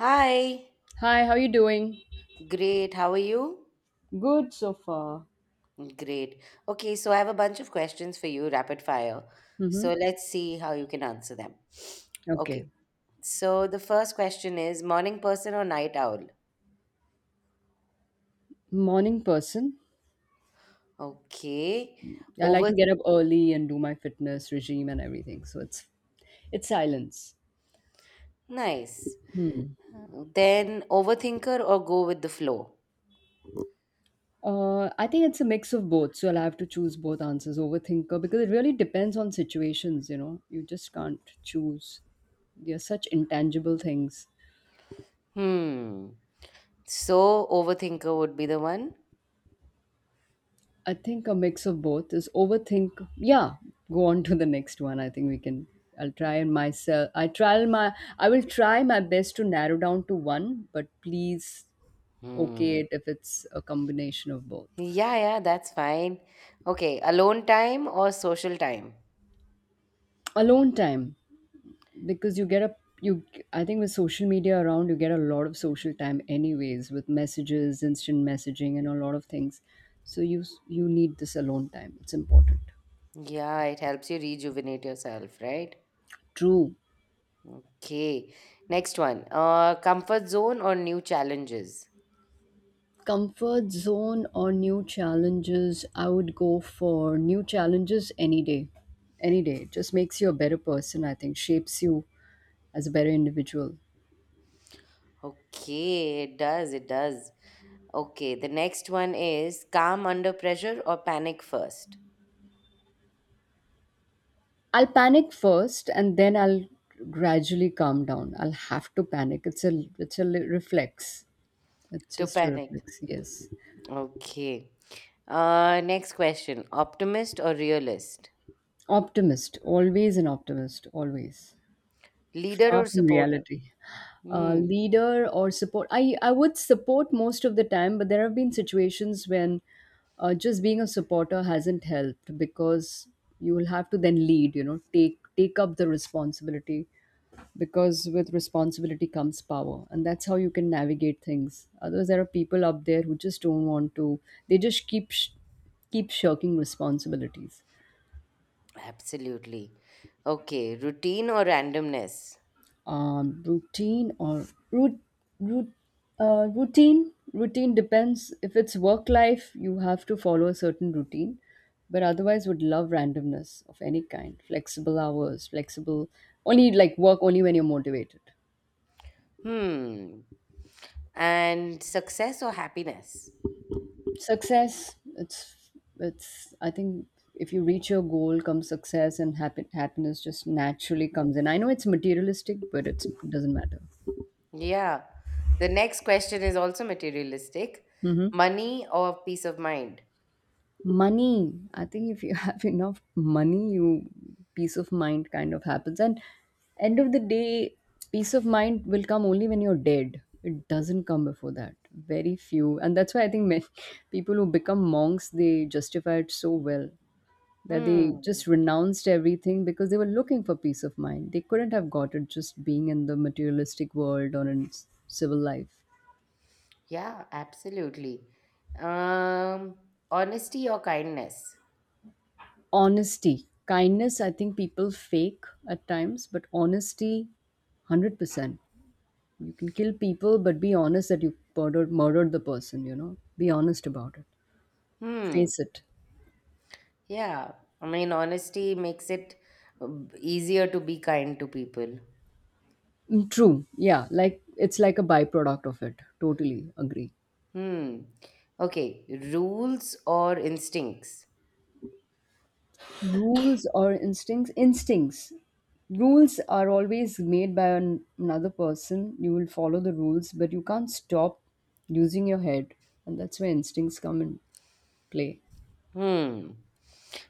Hi, Hi, how you doing? great. How are you? Good so far. Great. Okay, so I have a bunch of questions for you, rapid fire. Mm-hmm. So let's see how you can answer them. Okay. Okay, so the first question is morning person or night owl? Morning person. Okay, I like over to get up early and do my fitness regime and everything. So it's silence. nice. Hmm. Then overthinker or go with the flow? I think it's a mix of both. So I'll have to choose both answers. Overthinker because it really depends on situations. You know, you just can't choose. They're such intangible things. Hmm. So overthinker would be the one? I think a mix of both is overthink. Yeah, go on to the next one. I think we can. I'll try and myself. I trial my. I will try my best to narrow down to one, but please Hmm. okay it if it's a combination of both. Yeah, yeah, that's fine. Okay, alone time or social time? Alone time because you get a you. I think with social media around, you get a lot of social time anyways with messages, instant messaging, and a lot of things. So you need this alone time. It's important. Yeah, it helps you rejuvenate yourself, right? True. Okay. Next one. Comfort zone or new challenges? Comfort zone or new challenges? I would go for new challenges any day. Any day. It just makes you a better person, I think, shapes you as a better individual. Okay, it does, it does. Okay, the next one is calm under pressure or panic first? I'll panic first and then I'll gradually calm down. I'll have to panic. Reflex. It's To just a panic. reflex, yes. Okay. Next question. Optimist or realist? Optimist, always an optimist, always. Leader Far or from supporter? reality. uh, Hmm, leader or support, I would support most of the time, but there have been situations when, just being a supporter hasn't helped, because you will have to then lead, you know, take up the responsibility, because with responsibility comes power, and that's how you can navigate things. Otherwise there are people up there who just don't want to, they just keep sh- keep shirking responsibilities. absolutely. Okay, routine or randomness? Routine or root, root, routine Routine depends. If it's work life, you have to follow a certain routine, but otherwise would love randomness of any kind, flexible hours, flexible, only like work only when you're motivated. Hmm. And success or happiness? Success. It's it's i think if you reach your goal comes success, and happiness just naturally comes in. I know it's materialistic, but it doesn't matter. Yeah. The next question is also materialistic. Hmm. Money or peace of mind? Money. I think if you have enough money, you peace of mind kind of happens. And end of the day, peace of mind will come only when you're dead. It doesn't come before that. Very few, and that's why I think men, people who become monks, they justify it so well that they Hmm. just renounced everything because they were looking for peace of mind. They couldn't have got it just being in the materialistic world or in s- civil life. Yeah, absolutely. Um, Honesty or kindness? Honesty. Kindness, I think people fake at times, but honesty, 100%. You can kill people, but be honest that you murdered the person, you know? Be honest about it. Hmm. Face it. Yeah. I mean, honesty makes it easier to be kind to people. Mm, true. Yeah. Like, it's like a byproduct of it. Totally agree. Hmm. Okay. Rules or instincts? Rules or instincts? Instincts. Rules are always made by an, another person. You will follow the rules, but you can't stop using your head. And that's where instincts come in play. Hmm.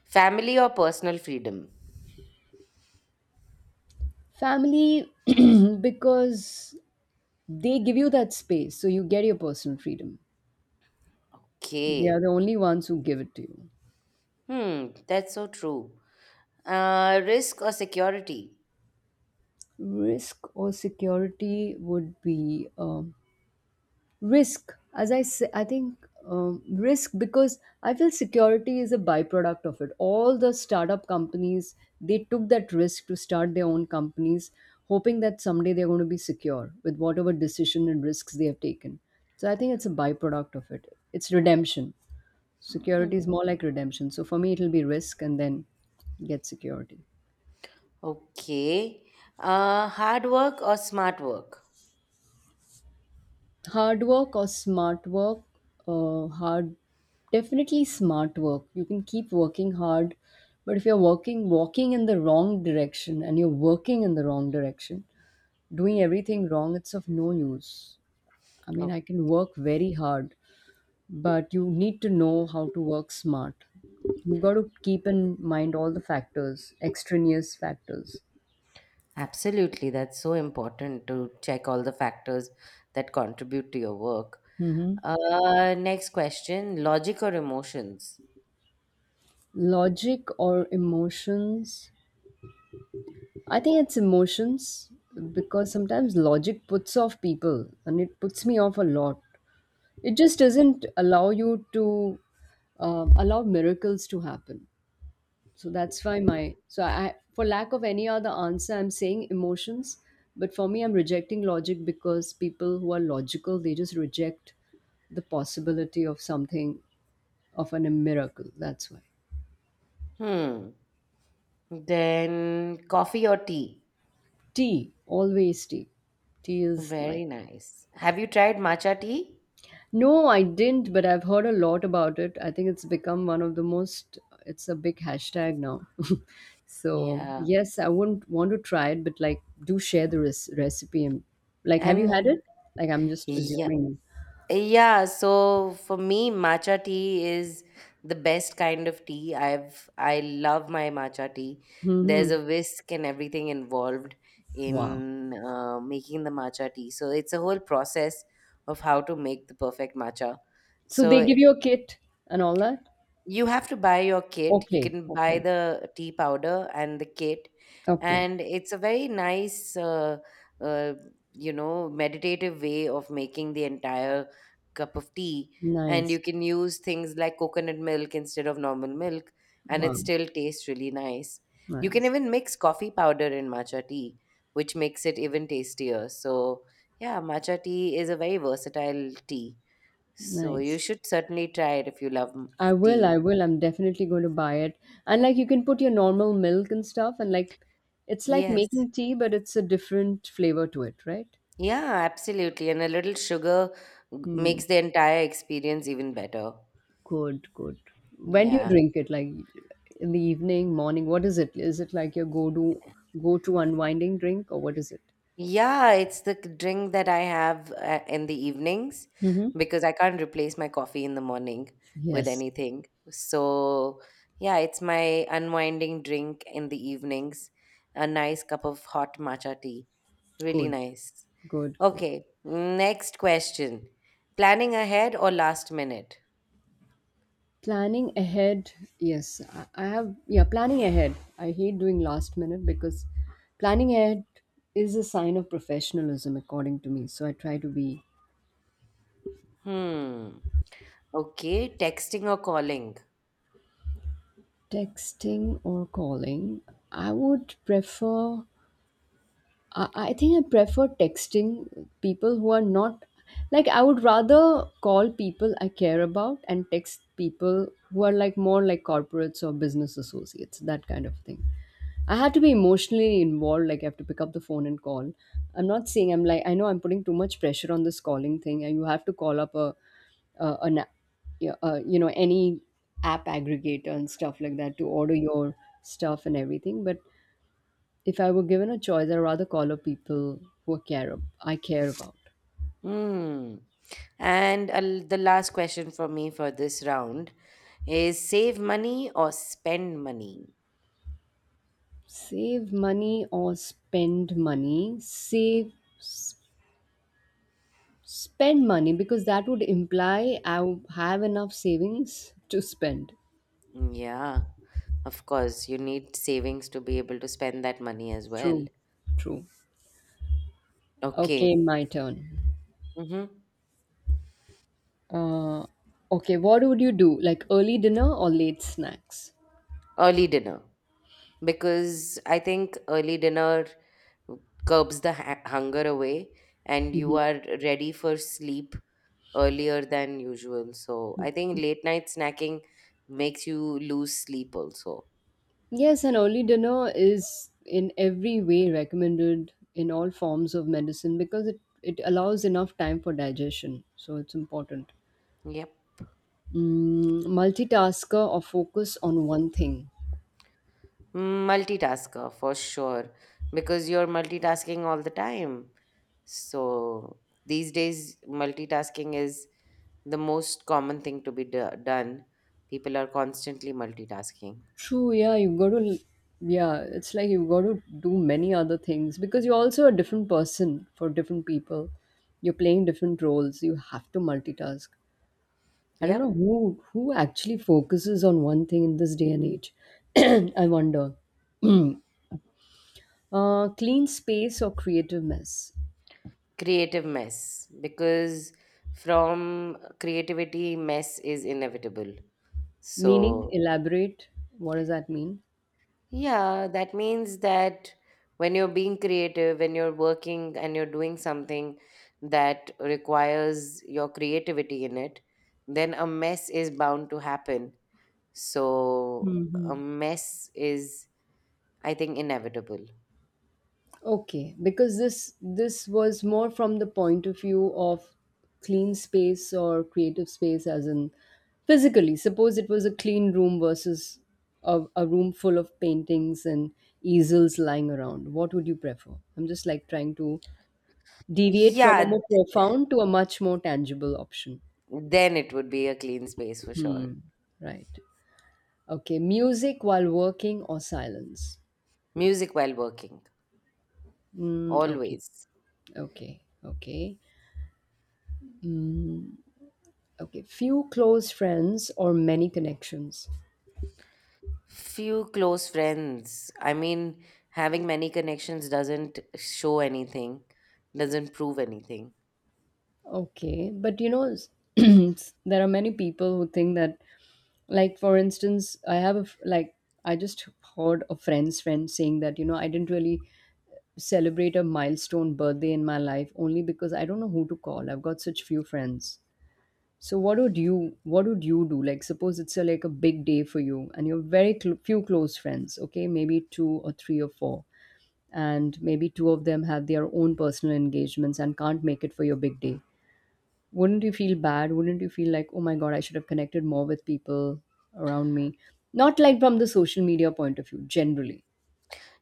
Family or personal freedom? Family, because they give you that space, so you get your personal freedom. They are Okay. the only ones who give it to you. Hmm. That's so true. Risk or security? Risk or security would be risk. As I say, I think risk, because I feel security is a byproduct of it. All the startup companies, they took that risk to start their own companies, hoping that someday they're going to be secure with whatever decision and risks they have taken. So I think it's a byproduct of it. It's redemption. Security is Hmm. more like redemption. So for me, it'll be risk and then get security. Okay. Hard work or smart work? Hard work or smart work? Uh, hard, definitely smart work. You can keep working hard, but if you're working walking in the wrong direction and you're working in the wrong direction, doing everything wrong, it's of no use. I mean, Oh, I can work very hard, but you need to know how to work smart. You've got to keep in mind all the factors, extraneous factors. absolutely. That's so important to check all the factors that contribute to your work. Mhm. Next question, logic or emotions? Logic or emotions? I think it's emotions, because sometimes logic puts off people and it puts me off a lot. It just doesn't allow you to, allow miracles to happen. So that's why my so I, for lack of any other answer, I'm saying emotions. But for me, I'm rejecting logic, because people who are logical, they just reject the possibility of something, of an a miracle. That's why. Hmm. Then coffee or tea? Tea, always tea. Tea is like. Very nice. Have you tried matcha tea? No, I didn't, but I've heard a lot about it. I think it's become one of the most, it's a big hashtag now. So, Yeah. yes, I wouldn't want to try it, but like, do share the recipe. And, like, have you had And it? Like, I'm just yeah. assuming. Yeah, so for me, matcha tea is the best kind of tea. I love my matcha tea. There's Hmm. a whisk and everything involved Wow. in making the matcha tea. So it's a whole process of how to make the perfect matcha. So, they So give you a kit and all that? you have to buy your kit. You Okay, can buy okay, the tea powder and the kit, okay. and it's a very nice, uh, meditative way of making the entire cup of tea. And Nice. you can use things like coconut milk instead of normal milk, and Wow. it still tastes really nice. You can Nice. even mix coffee powder in matcha tea, which makes it even tastier. So, yeah, matcha tea is a very versatile tea. So, you Nice. should certainly try it if you love I will, I tea. will. I'm definitely going to buy it. And like, you can put your normal milk and stuff, and like, it's like Yes. making tea, but it's a different flavor to it, right? Yeah, absolutely. And a little sugar Hmm. makes the entire experience even better. Good, good. When do you Yeah. drink it? Like in the evening, morning? What is it? Is it like your go-to unwinding drink, or what is it? Yeah, it's the drink that I have in the evenings Mm-hmm. because I can't replace my coffee in the morning with Yes. anything. So, yeah, it's my unwinding drink in the evenings. A nice cup of hot matcha tea. Really Good. nice. Good, good. Okay, next question. Planning ahead or last minute? Planning ahead, yes, I have, yeah, planning ahead. I hate doing last minute because planning ahead is a sign of professionalism, according to me. So I try to be. Hmm. Okay, texting or calling? Texting or calling. I would prefer, I think I prefer texting people who are not, like, I would rather call people I care about and text people who are like more like corporates or business associates, that kind of thing. I had to be emotionally involved, like I have to pick up the phone and call. I'm not saying I'm like, I know I'm putting too much pressure on this calling thing, and you have to call up a an a- yeah, you know, any app aggregator and stuff like that to order your stuff and everything, but if I were given a choice, I'd rather call up people who I care, I care about. Hmm. And the last question for me for this round is save money or spend money? Save money or spend money? S- Spend money, because that would imply I have enough savings to spend. Hmm, yeah, of course, you need savings to be able to spend that money as well. True, true. Okay, Okay. my turn. Mm-hmm. Uh, okay, what would you do? Like, early dinner or late snacks? Early dinner. Because I think early dinner curbs the hunger away and you Mhm. are ready for sleep earlier than usual. So I think late night snacking makes you lose sleep also. Yes, and early dinner is in every way recommended in all forms of medicine because it allows enough time for digestion. So it's important. Yep. Mm, multitasker or focus on one thing. Multitasker for sure because you're multitasking all the time. So these days, multitasking is the most common thing to be done. People are constantly multitasking. True, yeah, you've got to, yeah, it's like you've got to do many other things because you're also a different person for different people. You're playing different roles. You have to multitask. I don't know Yep. who actually focuses on one thing in this day and age. I wonder. Clean space or creative mess? Creative mess because from creativity, mess is inevitable. Meaning, So, elaborate. What does that mean? yeah, that means that when you're being creative, when you're working and you're doing something that requires your creativity in it, then a mess is bound to happen. So, a Hmm. mess is, I think, inevitable. Okay, because this was more from the point of view of clean space or creative space, as in physically. Suppose it was a clean room versus a room full of paintings and easels lying around. What would you prefer? I'm just like trying to deviate from a Yeah, more profound to a much more tangible option. then it would be a clean space for sure. Hmm. Right? Okay, music while working or silence? Music while working, Mm, okay, always. okay, okay. Mm, okay, few close friends or many connections. Few close friends. I mean, having many connections doesn't show anything, doesn't prove anything. Okay, but you know, there are many people who think that, like, for instance, I have a, like, I just heard a friend's friend saying that, you know, I didn't really celebrate a milestone birthday in my life only because I don't know who to call. I've got such few friends. So what would you, what would you do? Like, suppose it's a, like a big day for you and you're very few close friends, okay? Maybe two or three or four. And maybe two of them have their own personal engagements and can't make it for your big day. Wouldn't you feel bad? Wouldn't you feel like, "Oh my god, I should have connected more with people around me?" Not like from the social media point of view, generally.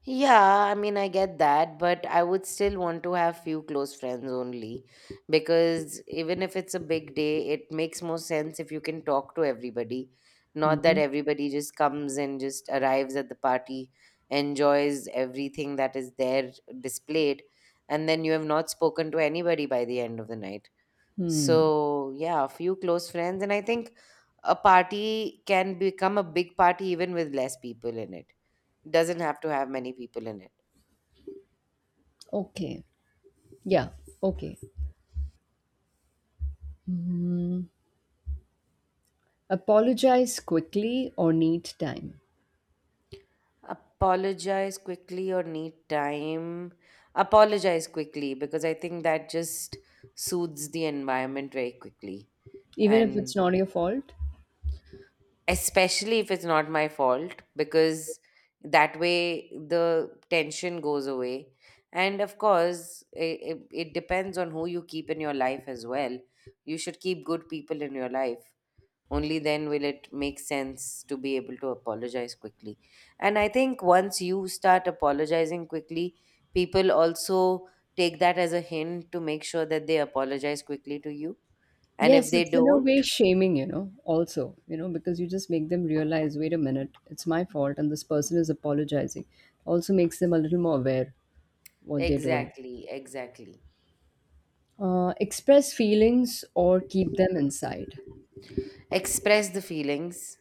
Yeah, I mean, I get that, but I would still want to have few close friends only because even if it's a big day, it makes more sense if you can talk to everybody. Not Hmm. that everybody just comes and just arrives at the party, enjoys everything that is there displayed, and then you have not spoken to anybody by the end of the night. Hmm. So, yeah, a few close friends, and I think a party can become a big party even with less people in it. Doesn't have to have many people in it. Okay. Yeah. Okay. Mm. Apologize quickly or need time. Apologize quickly or need time. Apologize quickly because I think that just soothes the environment very quickly. Even if it's And not your fault, especially if it's not my fault, because that way the tension goes away. And of course, it depends on who you keep in your life as well. You should keep good people in your life. Only then will it make sense to be able to apologize quickly. And I think once you start apologizing quickly, people also take that as a hint to make sure that they apologize quickly to you. And if yes, they it's in a don't, way shaming, you know, also, you know, because you just make them realize, wait a minute, it's my fault, and this person is apologizing. Also makes them a little more aware what they're doing. exactly, exactly. Express feelings or keep them inside. Express the feelings,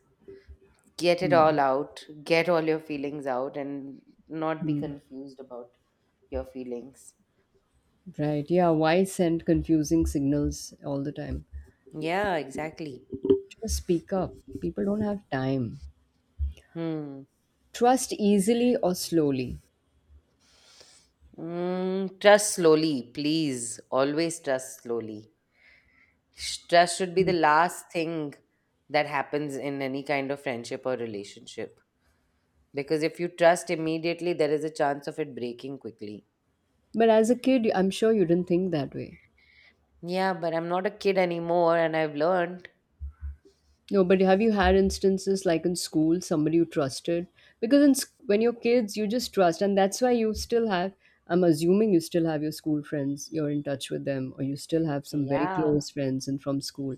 get it all Hmm. out, get all your feelings out, and not be Hmm. confused about your feelings. Right. Yeah. Why send confusing signals all the time? Yeah, exactly. Just speak up. People don't have time. Hmm. Trust easily or slowly. Trust slowly, please. Always trust slowly. Trust should be the last thing that happens in any kind of friendship or relationship. Because if you trust immediately, there is a chance of it breaking quickly. But as a kid, I'm sure you didn't think that way. Yeah, but I'm not a kid anymore and I've learned. No, but have you had instances like in school, somebody you trusted? Because when you're kids, you just trust, and that's why you still have, I'm assuming you still have your school friends, you're in touch with them, or you still have some very Yeah. close friends and from school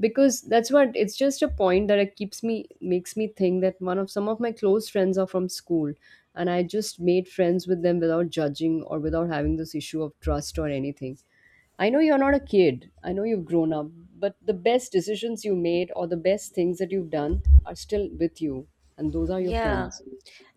because that's what it's just a point that it keeps me makes me think that one of some of my close friends are from school, and I just made friends with them without judging or without having this issue of trust or anything. I know you're not a kid, I know you've grown up, but the best decisions you made or the best things that you've done are still with you, and those are your Yeah. friends.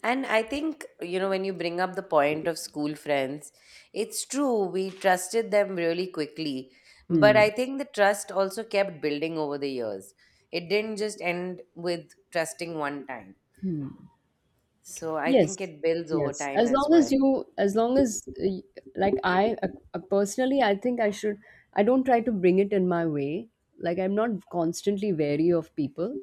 And I think, when you bring up the point of school friends, it's true, we trusted them really quickly. But I Hmm. think the trust also kept building over the years. It didn't just end with trusting one time. So I think Yes, it builds over yes. time as well. As long as like I personally, I think I should. I don't try to bring it in my way. Like I'm not constantly wary of people.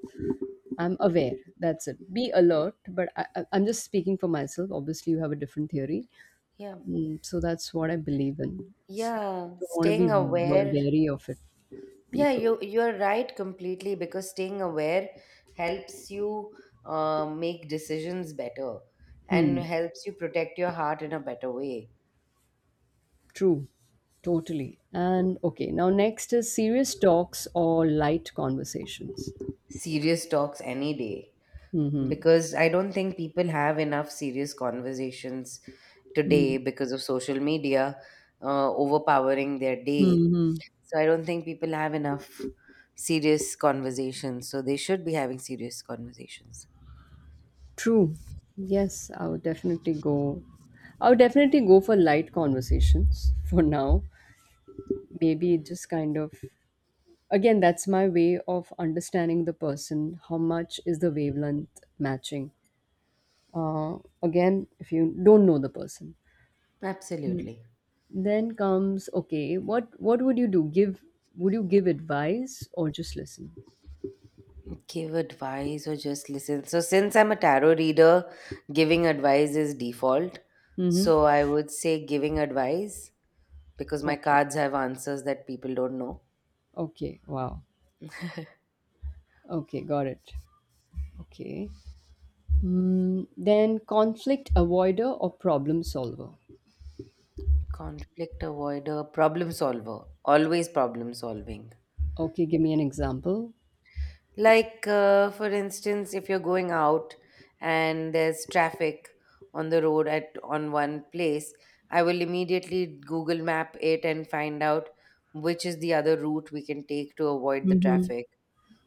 I'm aware. That's it. Be alert. But I'm just speaking for myself. Obviously, you have a different theory. Yeah. So that's what I believe in. S- Yeah. Don't want to be Staying aware. wary of it, Yeah, people. you're right completely because staying aware helps you make decisions better and Hmm. helps you protect your heart in a better way. True. Totally. And okay. Now next is serious talks or light conversations. Serious talks any day Mm-hmm. because I don't think people have enough serious conversations Mm-hmm. today because of social media overpowering their day. Mm-hmm. So I don't think people have enough serious conversations. So they should be having serious conversations. True. Yes, I would definitely go. I would definitely go for light conversations for now. Maybe it just kind of, again, that's my way of understanding the person. How much is the wavelength matching? Again, if you don't know the person, mm, Absolutely. then comes okay. What would you do? Give Would you give advice or just listen? Give advice or just listen. So, since I'm a tarot reader, giving advice is default. Mm-hmm. So, I would say giving advice because my Okay. cards have answers that people don't know. Okay. Wow. Okay. Got it. Okay. Mm, then conflict avoider or problem solver. Conflict avoider, problem solver, always problem solving. Okay, give me an example. Like, for instance, if you're going out and there's traffic on the road at on one place, I will immediately Google Map it and find out which is the other route we can take to avoid the Hmm. traffic.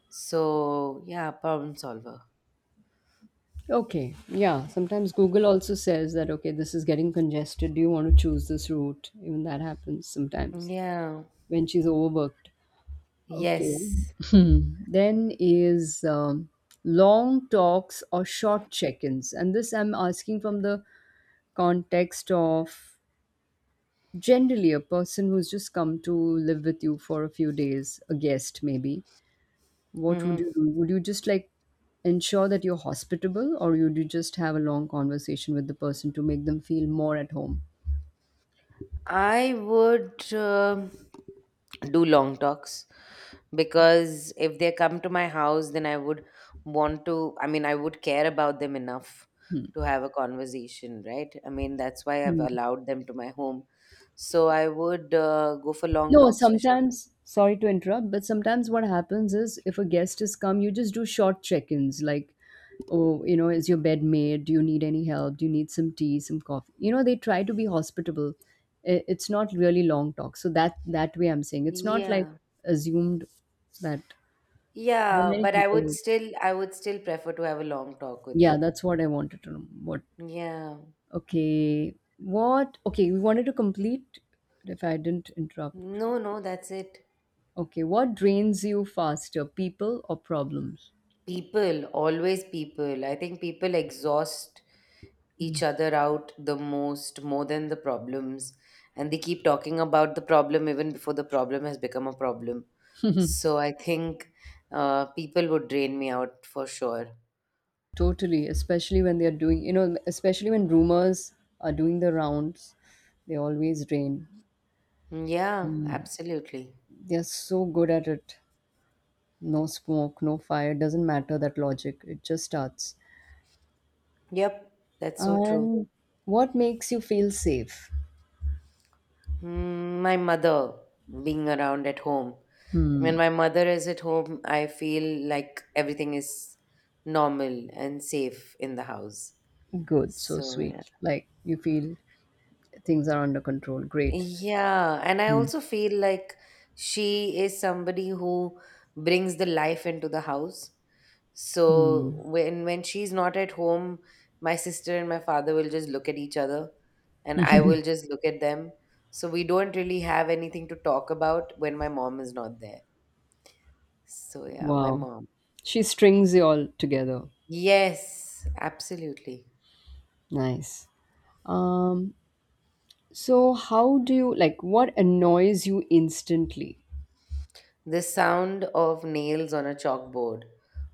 So, yeah, problem solver. Okay, yeah. Sometimes Google also says that, okay, this is getting congested. Do you want to choose this route? Even that happens sometimes Yeah. when she's overworked. Okay. Yes. Hmm. Then is long talks or short check ins. And this I'm asking from the context of generally a person who's just come to live with you for a few days, a guest maybe. What would Hmm. you do? Would you just like ensure that you're hospitable, or would you just have a long conversation with the person to make them feel more at home? I would do long talks because if they come to my house, then I would want to, I mean, I would care about them enough to have a conversation, right? I mean, that's why I've Hmm. allowed them to my home. So I would go for long No, talks for sure. sometimes, sorry to interrupt, but sometimes what happens is if a guest has come, you just do short check ins like, oh, you know, is your bed made? Do you need any help? Do you need some tea, some coffee? You know, they try to be hospitable. It's not really long talk. So that way I'm saying it's not like Yeah. assumed that, you know, Yeah, many but i people would would. still i would still prefer to have a long talk with Yeah, them. that's what I wanted to know. What? Yeah. Okay. What? Okay, we wanted to complete if I didn't interrupt. No, no, that's it. Okay, what drains you faster, people or problems? People, always people. I think people exhaust each other out the most, more than the problems. And they keep talking about the problem even before the problem has become a problem. So I think, people would drain me out for sure. Totally, especially when they're doing, you know, especially when rumors are doing the rounds, they always drain. Mm, yeah, absolutely. They're so good at it. No smoke, no fire, doesn't matter that logic. It just starts. Yep, that's so true. And what makes you feel safe? My mother being around at home. When Hmm, my mother is at home, I feel like everything is normal and safe in the house. good, so So sweet. yeah. Like you feel things are under control. Great. Yeah, and I Hmm. also feel like she is somebody who brings the life into the house. So Hmm. when she's not at home, my sister and my father will just look at each other and I will just look at them. So we don't really have anything to talk about when my mom is not there. So yeah, my Wow. mom. She strings you all together. Yes, absolutely. Nice. Um, so how do you like what annoys you instantly? The sound of nails on a chalkboard.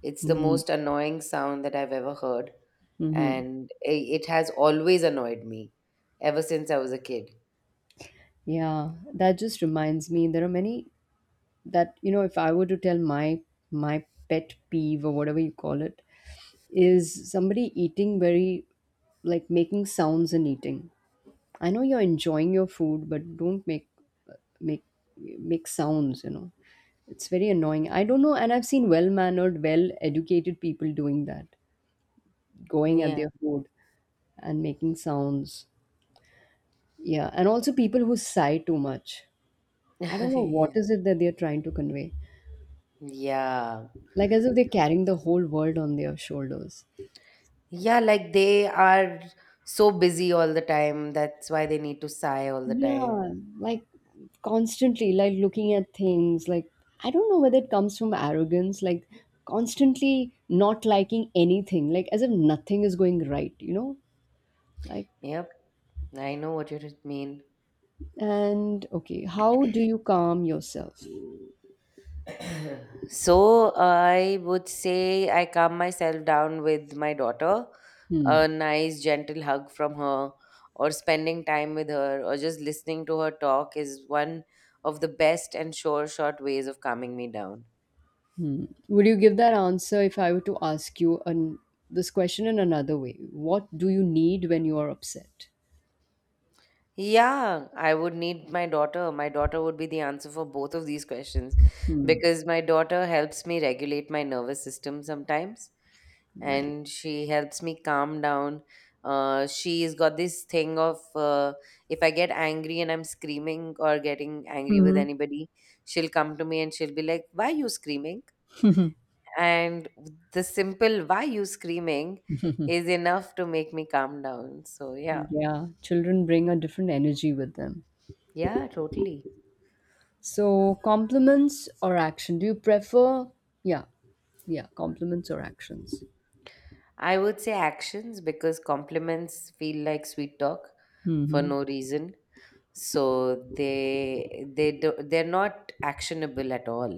It's the Mm-hmm. most annoying sound that I've ever heard, and it has always annoyed me ever since I was a kid. Yeah, that just reminds me there are many that, you know, if I were to tell my pet peeve or whatever you call it, is somebody eating very, like making sounds and eating. I know you're enjoying your food, but don't make make sounds, you know. It's very annoying. I don't know, and I've seen well-mannered, well-educated people doing that, going at Yeah. their food and making sounds. Yeah, and also people who sigh too much. I don't know what Yeah. is it that they're trying to convey. Yeah. Like as if they're carrying the whole world on their shoulders. Yeah, like they are so busy all the time. That's why they need to sigh all the time. Yeah, like constantly, like looking at things, like I don't know whether it comes from arrogance, like constantly not liking anything, like as if nothing is going right, you know? Like, Yep. I know what you mean. and okay, how do you calm yourself? So I would say I calm myself down with my daughter, Hmm. a nice gentle hug from her, or spending time with her, or just listening to her talk is one of the best and sure shot ways of calming me down. Hmm. Would you give that answer if I were to this question in another way? What do you need when you are upset? Yeah, I would need my daughter. My daughter would be the answer for both of these questions because my daughter helps me regulate my nervous system sometimes Nice. and she helps me calm down. She's got this thing of if I get angry and I'm screaming or getting angry with Hmm. anybody, she'll come to me and she'll be like, "Why are you screaming?" And the simple why you screaming is enough to make me calm down. So, yeah, Yeah, children bring a different energy with them. yeah, totally. So, compliments or action? Do you prefer? Yeah, yeah, compliments or actions. I would say actions because compliments feel like sweet talk for Hmm. no reason. So they do, they're not actionable at all.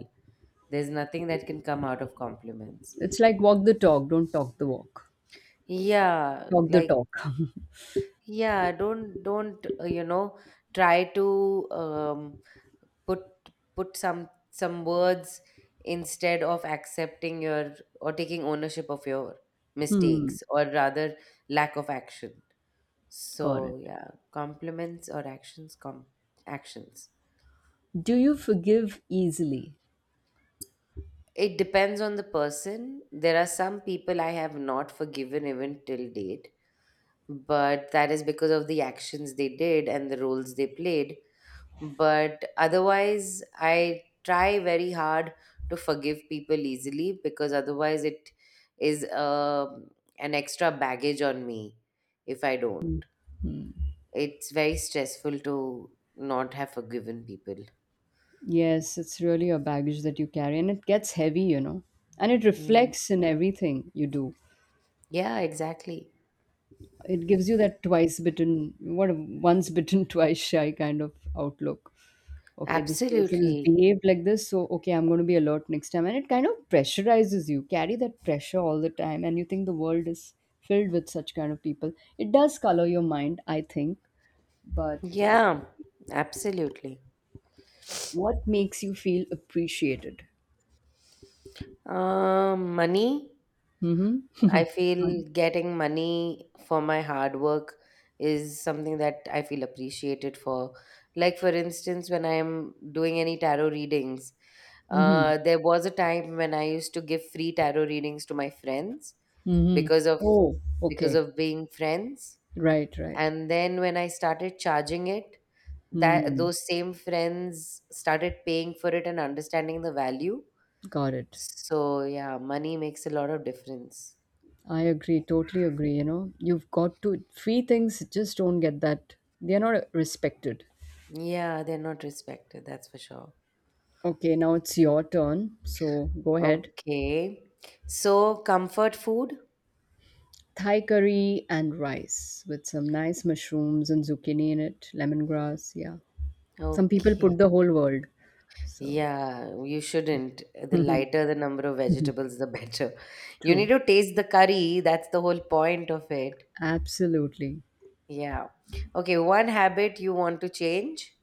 There's nothing that can come out of compliments. It's like walk the talk, don't talk the walk. Yeah, Talk the like, talk. yeah, don't try to put put some words instead of accepting your or taking ownership of your Hmm, mistakes, or rather lack of action. got it. So yeah, compliments or actions, actions. Do you forgive easily? It depends on the person. There are some people I have not forgiven even till date, but that is because of the actions they did and the roles they played. But otherwise, I try very hard to forgive people easily because otherwise it is an extra baggage on me if I don't. It's very stressful to not have forgiven people. Yes, it's really a baggage that you carry, and it gets heavy, you know, and it Hmm. reflects in everything you do. Yeah, exactly. It gives you that twice bitten what a once bitten twice shy kind of outlook. Okay, this person is Absolutely. behaved like this, so okay, I'm going to be alert next time, and it kind of pressurizes you, carry that pressure all the time, and you think the world is filled with such kind of people. It does color your mind, I think, but uh, Yeah, absolutely. what makes you feel appreciated? Money, Mm-hmm. I feel getting money for my hard work is something that I feel appreciated for. Like, for instance, when I'm doing any tarot readings, Mm-hmm. There was a time when I used to give free tarot readings to my friends Mm-hmm. because of Oh, because okay. of being friends. Right, right. And then when I started charging it, that Hmm. those same friends started paying for it and understanding the value. Got it. So yeah, money makes a lot of difference. I agree, totally agree. You know, you've got to, free things just don't get that, they're not respected. Yeah, they're not respected, that's for sure. Okay, now it's your turn. So go ahead. Okay. So comfort food? Thai curry and rice with some nice mushrooms and zucchini in it, lemongrass. Yeah. Some people Okay. put the whole world. So Yeah, you shouldn't. The lighter the number of vegetables, the better. You true. need to taste the curry. That's the whole point of it. Absolutely. Yeah. Okay, one habit you want to change?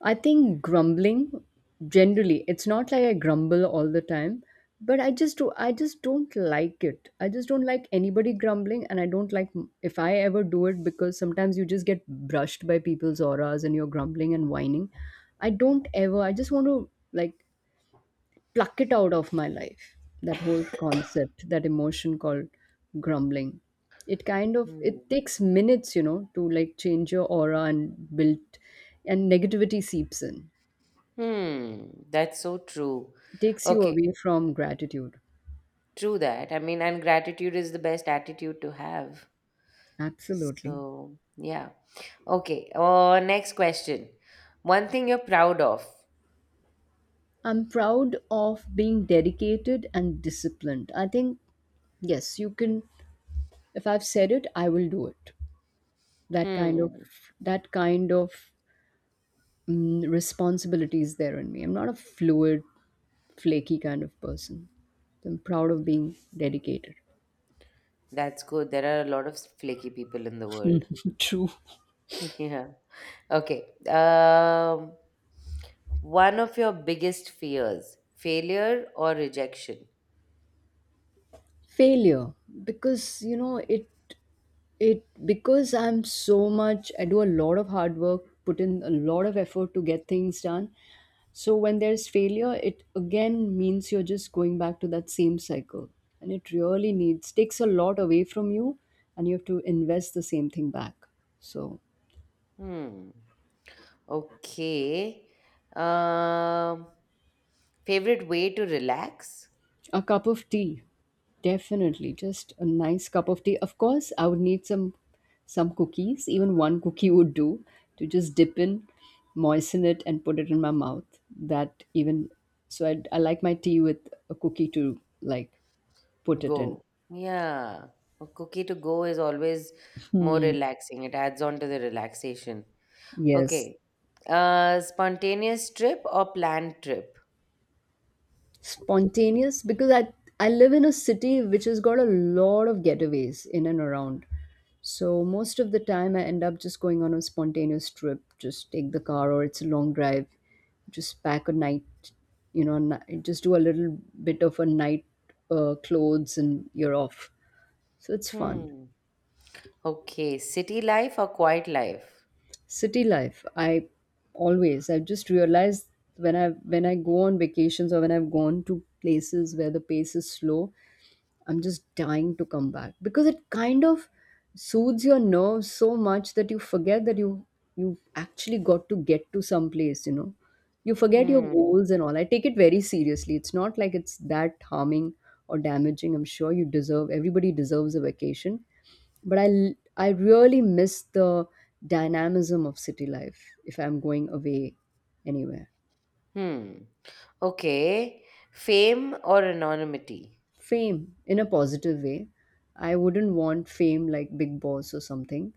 I think grumbling. Generally it's not like I grumble all the time, but I just don't like it. I just don't like anybody grumbling, and I don't like if I ever do it, because sometimes you just get brushed by people's auras and you're grumbling and whining. I don't ever I just want to like pluck it out of my life. That whole concept, that emotion called grumbling. It kind of Hmm. it takes minutes, you know, to like change your aura and build, and negativity seeps in. Hmm, that's so true. Takes you Okay, away from gratitude. true that. I mean, and gratitude is the best attitude to have. Absolutely. So, yeah. Okay. Next question. One thing you're proud of. I'm proud of being dedicated and disciplined. I think, yes, you can, if I've said it, I will do it. That kind of, Hmm. that kind of responsibility is there in me. I'm not a fluid, flaky kind of person. I'm proud of being dedicated. That's good. There are a lot of flaky people in the world. Yeah. Okay. One of your biggest fears, failure or rejection? Failure, because, you know, because I'm so much, I do a lot of hard work, put in a lot of effort to get things done. So when there's failure, it again means you're just going back to that same cycle. And it really needs takes a lot away from you, and you have to invest the same thing back. So Hmm. Okay. Um, Favorite way to relax? a cup of tea, definitely. Just a nice cup of tea. Of course, I would need some cookies. Even one cookie would do, to just dip in, moisten it and put it in my mouth. That even, so I like my tea with a cookie to like put it in. Go. Yeah. A cookie to go is always more Hmm. relaxing. It adds on to the relaxation. Yes. Okay. Spontaneous trip or planned trip? Spontaneous, because I live in a city which has got a lot of getaways in and around. So most of the time I end up just going on a spontaneous trip, just take the car, or it's a long drive, just pack a night, you know, just do a little bit of a night, clothes and you're off. So it's fun. Hmm. Okay. City life or quiet life? City life. I've just realized, when I go on vacations or when I've gone to places where the pace is slow, I'm just dying to come back because it kind of soothes your nerves so much that you forget that you actually got to get to some place, you know. You forget your Hmm. goals and all. I take it very seriously. It's not like it's that harming or damaging. I'm sure you deserve everybody deserves a vacation, but I really miss the dynamism of city life if I'm going away anywhere. Hmm. Okay. Fame or anonymity? Fame in a positive way. I wouldn't want fame like Big Boss or something.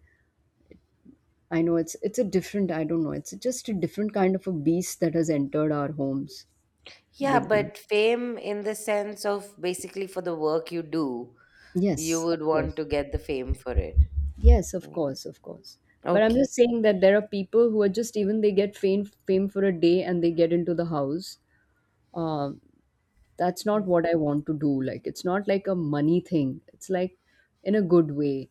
I know it's a different, I don't know. It's just a different kind of a beast that has entered our homes. Yeah, Big beast. but fame in the sense of basically for the work you do, you Yes, of would course. want to get the fame for it. Yes, of course, of course. But I'm just Okay. saying that there are people who are just, even they get fame for a day and they get into the house. Um, that's Hmm. not what I want to do. Like it's not like a money thing. It's like in a good way,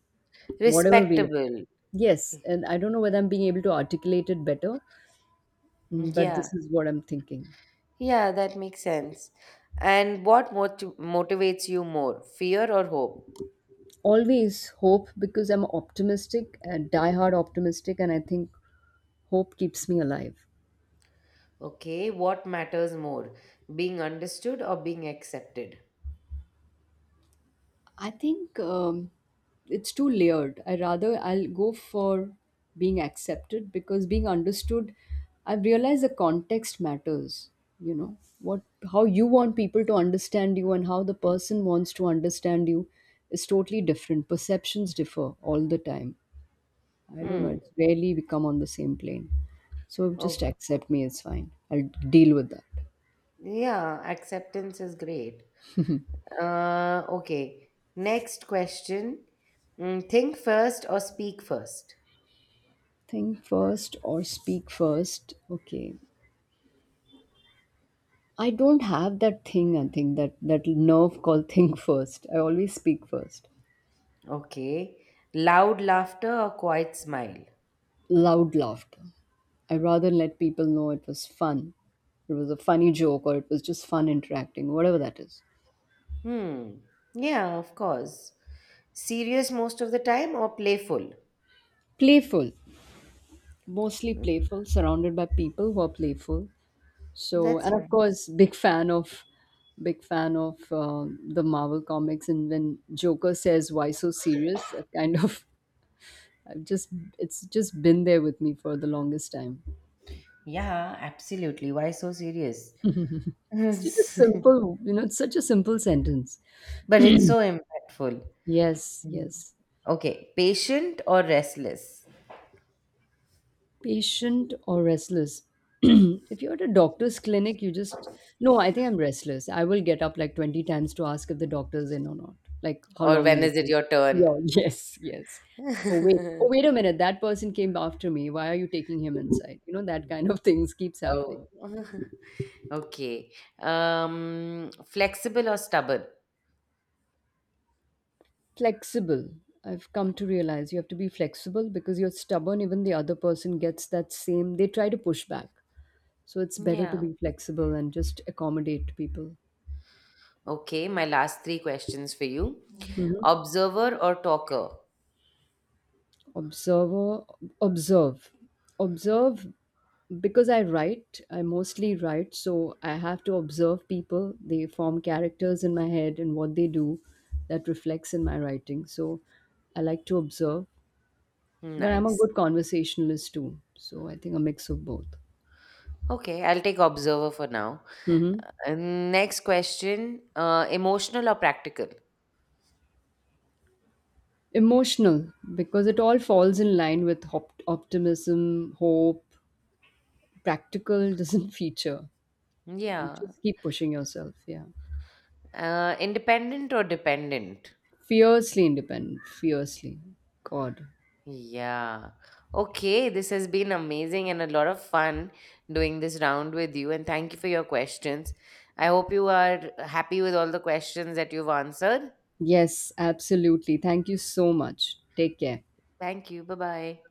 whatever way. Respectable. Yes, and I don't know whether I'm being able to articulate it better, mm, but Yeah. this is what I'm thinking. Yeah, that makes sense. And what motivates you more, fear or hope? Always hope, because I'm optimistic, a diehard optimistic, and I think hope keeps me alive. Okay, what matters more, being understood or being accepted? I think it's too layered. I'll go for being accepted, because being understood, I've realized the context matters. You know what, how you want people to understand you and how the person wants to understand you is totally different. Perceptions differ all the time. I don't know. Hmm. It's rarely we come on the same plane. So just Oh, accept me. It's fine. I'll deal with that. yeah, acceptance is great. Okay, next question. Think first or speak first? Think first or speak first. Okay. I don't have that thing. I think that nerve called think first. I always speak first. Okay, loud laughter or quiet smile? Loud laughter. I rather let people know it was fun. It was a funny joke or it was just fun interacting. Whatever that is. Hmm. Yeah, of course. Serious most of the time or playful? Playful. Mostly Mm, playful. Surrounded by people who are playful. So, and That's of nice. course, big fan of the Marvel comics. And when Joker says, "Why so serious?" I've kind of I've just, it's just been there with me for the longest time. Yeah, absolutely. Why so serious? It's such a simple, you know, it's such a simple sentence. But it's so impactful. Yes, Mm. yes. Okay, patient or restless? Patient or restless? If you're at a doctor's clinic, you just no. I think I'm restless. I will get up like 20 times to ask if the doctor's in or not. Like, how Or long will when it is it be? your turn? Yeah. Yes. Yes. Oh wait. Oh wait a minute. That person came after me. Why are you taking him inside? You know that kind of things keeps happening. Oh, okay. Flexible or stubborn? Flexible. I've come to realize you have to be flexible because you're stubborn. Even the other person gets that same. They try to push back. So it's better to Yeah. be flexible and just accommodate people. Okay, my last three questions for you. Mm-hmm. Observer or talker? Observer. Observe. Observe, because I write, I mostly write, so I have to observe people. They form characters in my head, and what they do, that reflects in my writing. So I like to observe. But I'm a Nice. good conversationalist too, so I think a mix of both. Okay, I'll take observer for now. Hmm. And next question, emotional or practical? Emotional, because it all falls in line with optimism, hope. Practical doesn't feature. You Yeah. just keep pushing yourself. Yeah. Independent or dependent? Fiercely independent. Fiercely. God. Yeah. Okay, this has been amazing and a lot of fun doing this round with you. And thank you for your questions. I hope you are happy with all the questions that you've answered. Yes, absolutely. Thank you so much. Take care. Thank you. Bye bye.